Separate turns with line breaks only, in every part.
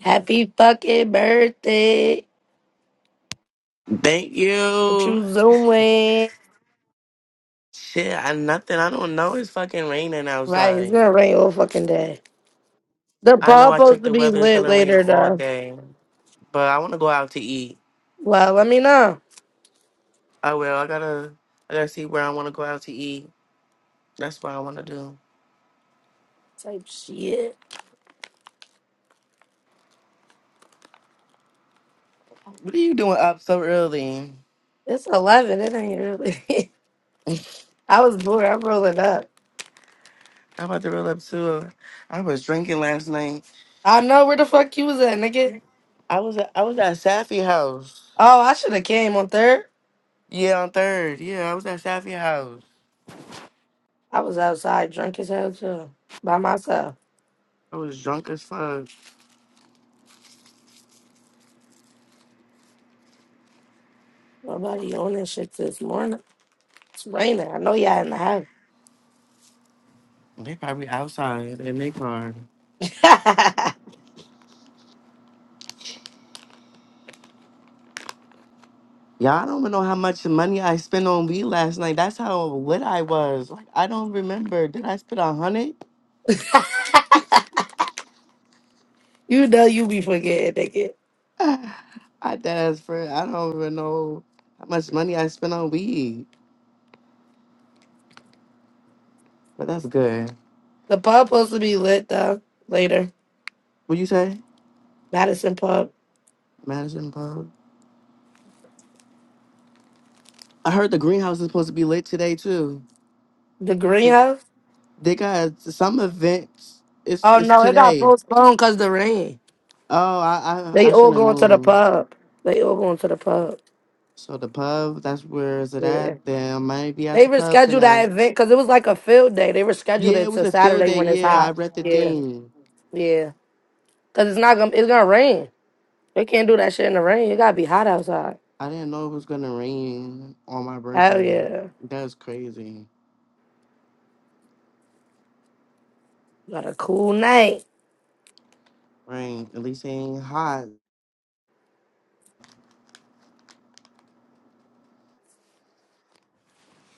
Happy fucking birthday.
Thank
What you
you.
doing?
Shit, I nothing. I don't know. It's fucking raining
Right, it's
outside.
gonna rain all fucking day. The
I
ball
know I
supposed
checked
to
the
be
weather. It's
lit
gonna rain
later
all
though.
day. But I want to go out to eat.
Well, let me know.
I will. I gotta. I gotta see where I want to go out to eat. That's what I want to do.
Type shit.
What are you doing up so early?
It's eleven, it ain't really I was bored, I'm rolling up.
I'm about to roll up too. I was drinking last night.
I know where the fuck you was at, nigga.
I was at, I was at Safi House.
Oh, I should have came on third.
Yeah, on third. Yeah, I was at Safi House.
I was outside drunk as hell too. By myself.
I was drunk as fuck.
Nobody on that shit this morning. It's raining. I know y'all in the house.
They probably outside in their car. Y'all don't even know how much money I spent on weed last night. That's how lit I was. Like I don't remember. Did I spend a hundred?
you know you be forgetting,
I does for I don't even know how much money I spent on weed. But that's good.
The pub supposed to be lit though later.
What you say?
Madison Pub.
Madison Park. I heard the greenhouse is supposed to be lit today too.
The
They,
greenhouse?
they got some events. It's
Oh
it's
no, it got
today.
postponed because the rain.
Oh, I I,
They
I should
all
have
going to the
known.
pub. They all going to the pub.
So the pub, that's where is it at?
Yeah.
Then I might be at
They
the pub
rescheduled
tonight.
that event because it was like a field day. They rescheduled
Yeah,
it
it was
to
a field
Saturday
day.
when it's
Yeah, I
hot.
read the
Yeah.
thing.
Yeah. Cause it's not gonna it's gonna rain. They can't do that shit in the rain. It gotta be hot outside.
I didn't know it was gonna rain on my
Hell
birthday.
yeah.
That's crazy.
Got a cool night.
Rain. At least it ain't hot.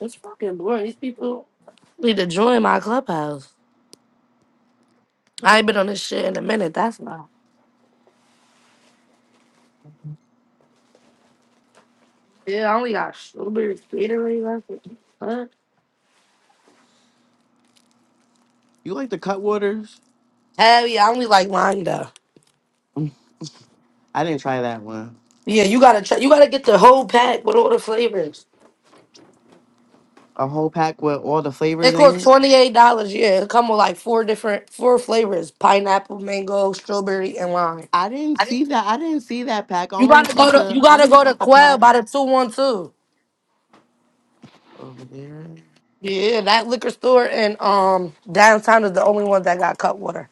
It's fucking boring. These people need to join my clubhouse. I ain't been on this shit in a minute. That's why. Yeah, I only got strawberry Gatorade left. Huh?
You like the cut waters?
Hell yeah, I only like mine though.
I didn't try that one.
Yeah, you gotta try, you gotta get the whole pack with all the flavors.
A whole pack with all the flavors
It
in
costs
it.
twenty eight dollars. Yeah, it come with like four different four flavors: pineapple, mango, strawberry, and lime.
I didn't see that. I didn't see that pack. I
You
only
gotta
saw
go to
the.
you
I
gotta
only
go
saw
to
the
Quell
pack
by the two one two.
over there.
Yeah, that liquor store in um downtown is the only one that got cut water.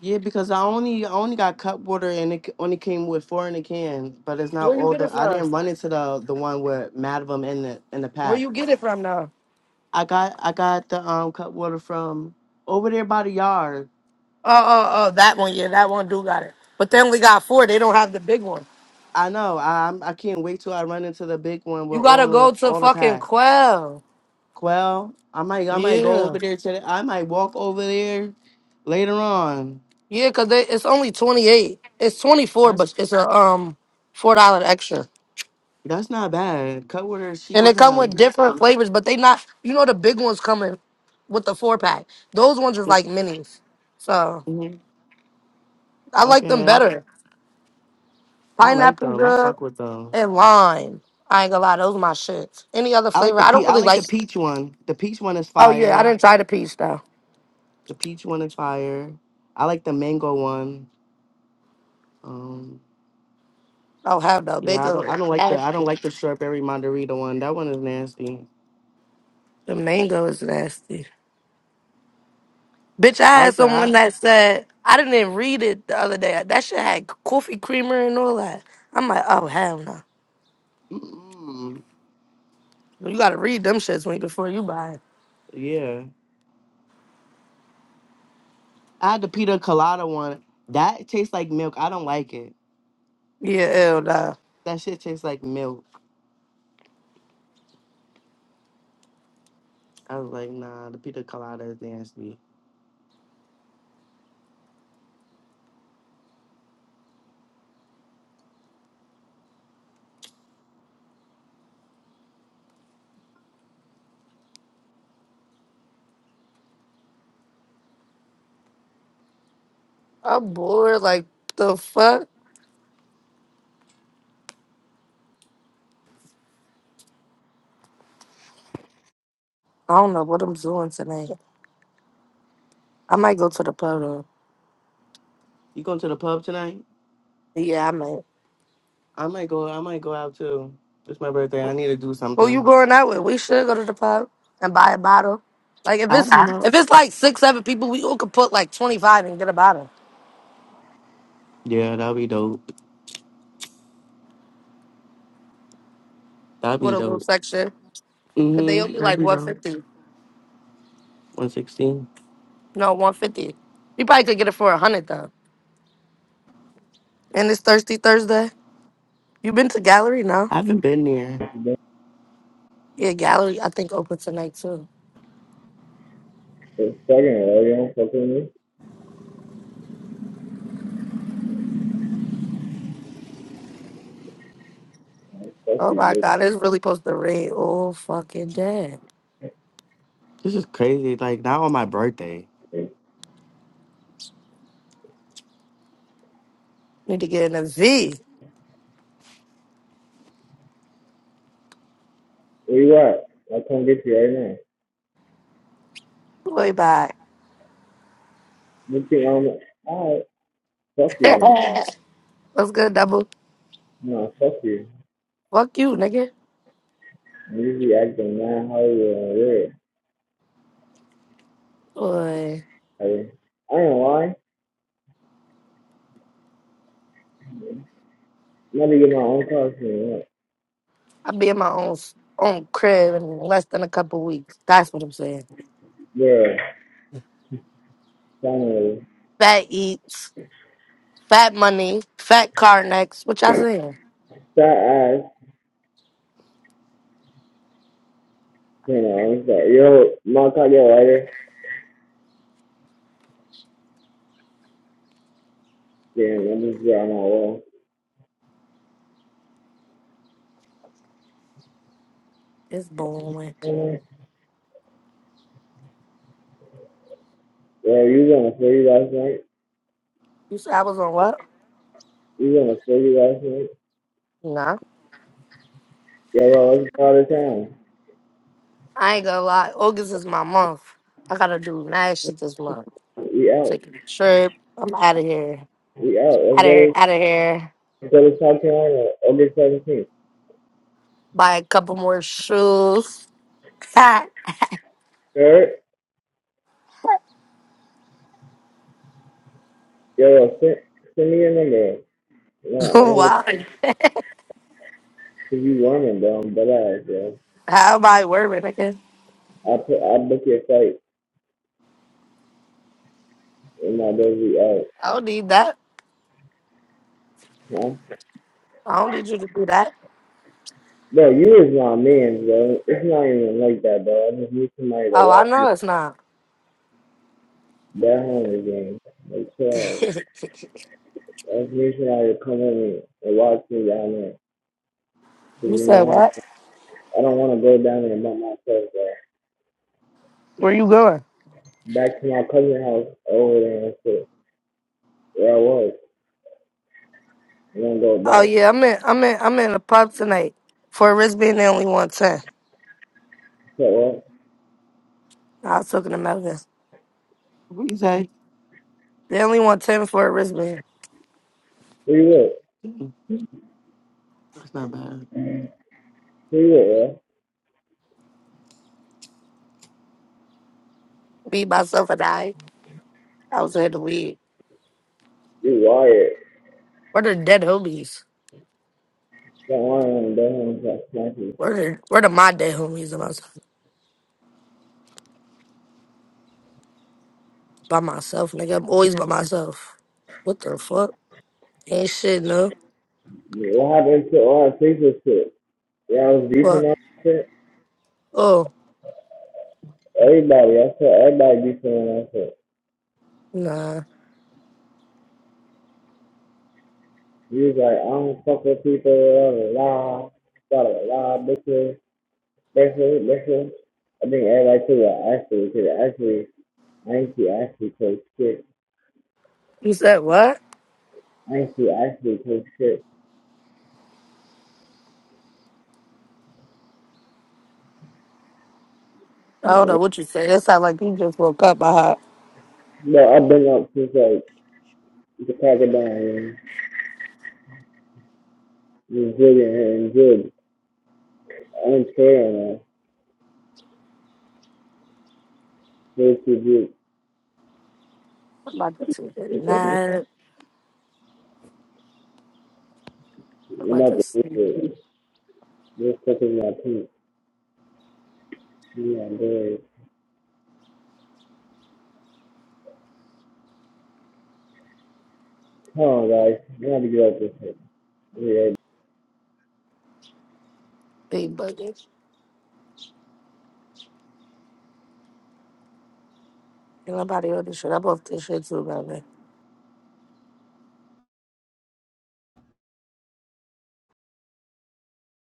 Yeah, because I only I only got cut water and it c- only came with four in a can, but it's not
Where you
all
get
the.
it
I
from?
didn't run into the the one with Madam in the in the
Where
pack.
you get it from now?
I got I got the um cut water from over there by the yard.
Oh oh oh, that one. Yeah, that one do got it. But they only got four. They don't have the big one.
I know. I I'm- I can't wait till I run into the big one with
You gotta
all
go
the
to
all the
fucking
pack.
Quell.
Well, I might I might go
Yeah.
over there today. I might walk over there later on.
Yeah, cause they, it's only twenty eight. It's twenty four,
That's
but it's a um four dollar extra.
that's not bad. Cutwater is cheap
And they
as
come
hell.
with different flavors, but they not you know the big ones coming with the four pack. Those ones is like minis. So
hmm
I like
Okay,
them
I
better.
I like
Pineapple
them. I
good
fuck with them.
and lime. I ain't gonna lie, those are my shits. Any other
I like
flavor?
the
I
pe-
don't
I
really
like
like
the peach one. The peach one is
oh yeah, I
fire.
didn't try the peach though.
The peach one is fire. I like the mango one. Um,
Oh hell no.
Yeah, I
Mango
don't. I
is
don't like the. I don't
nasty.
like the strawberry margarita one. That one is nasty.
The mango is nasty. Bitch, I
I
had
like the.
someone
I,
that said I didn't even read it the other day. That shit had coffee creamer and all that. I'm like, oh hell no.
mm,
You gotta read them shits when before you buy it.
yeah, I had the pita colada one. That tastes like milk. I don't like it.
Yeah, ew, nah.
That shit tastes like milk. I was like, nah, the pita colada is nasty.
I'm bored. Like the fuck? I don't know what I'm doing tonight. I might go to the pub though.
You going to the pub tonight?
Yeah, I might.
I might go. I might go out too. It's my birthday. I need to do
Who you
something.
going out with? We should go to the pub and buy a bottle. Like if
I
it's
don't know.
if it's like six, seven people, we all could put like twenty five and get a bottle
Yeah, that'd be dope. That'd be
with a little
dope.
section. But they
Mhm.
only
That'd
like
be
one
dope.
fifty.
One sixteen.
No, 150. You probably could get it for 100 though. And it's Thirsty Thursday. You been to gallery now?
I haven't been there.
Don't
Yeah, gallery I think open tonight too.
stop right? You don't fuck with me. Fuck
Oh my
you,
god, it's really supposed to rain all fucking day.
This is crazy. Like not on my birthday.
bitch.
Need to get in a V.
Where you at? I'll come get you right now.
Way back.
You think I'm alright? Fuck you.
What's good, double?
Then. No, fuck you.
Fuck you, nigga.
I'm usually acting mad Hollywood on red.
Boy,
I mean, I ain't lying. I'm about to get my own costume. Look,
I'll be in my own own crib in less than a couple weeks. That's what I'm saying.
girl, finally,
Fat eats, fat money, fat car next. What y'all saying?
fat ass. You know, I'm sorry. Yo, my car get lighter. Damn, I'm just getting on my wall.
It's booming.
Oh, Yo, you was on the 40 last night.
You said I was on what?
You was on the 40 last night.
Nah.
Yeah, bro, let's go out of town.
I ain't gonna lie. August is my month. I gotta do nice shit this month.
We out.
Taking a trip. I'm out of here.
We out. let's
Out of
go
here.
to
Out of here.
let's go to South Carolina, August seventeenth.
Buy a couple more shoes.
Third, yo, send, send me your number. No, I don't look
wow.
cause you warming, bro. I'm dead ass, bro.
How am I worried again?
I put I book your flight and my baby out.
I don't need that.
Huh?
I don't need you to do that.
Bro, you is my man, bro. It's not even like that, bro. I just need somebody to
Oh, I
watch me.
know it's not.
That home game, like class.
you
I just need somebody to come with me and watch me down there. Cause you
said
know,
what?
I don't want to go down there by myself, bro.
Where you going?
Back to my cousin's house over there and shit. Yeah, I was. I'm gonna go
Oh
back.
yeah, I'm in. I'm in. I'm in a pub tonight for a wristband. They only want ten.
So, uh,
I was talking to Melvin.
What you say?
They only want ten for a wristband.
who you with?
Mm, That's not bad.
Who you with, uh?
Be myself and I. I was ahead to weed.
You wired.
Where the dead homies?
Got wire on the day home, got snatches.
Where the where the my dead homies? And I was by myself, nigga. I'm always by myself. What the fuck? Ain't shit, no.
What happened to all that pizza shit? Yeah, I was beefing
What?
on that shit.
Oh,
Everybody, I saw everybody beefing on that shit.
nah.
He was like, I don't fuck with people, blah, blah, blah, blah, blah, blah, bitches, bitches, bitches. I think everybody took that actually, because actually, I ain't see actually take shit.
You said what?
I ain't see actually take shit.
I don't know
But
what you said. It sounded like you just woke up. I had-
I've been up since like The crocodile was holding her in good, unfair, safety grip.
I'm about to take a
I'm
nap. I'm about to sleep.
was sucking my This Come on, boys. Come on, guys. You gotta get up this way.
Big bugging. Ain't nobody on this shit. I'm off this shit too, man.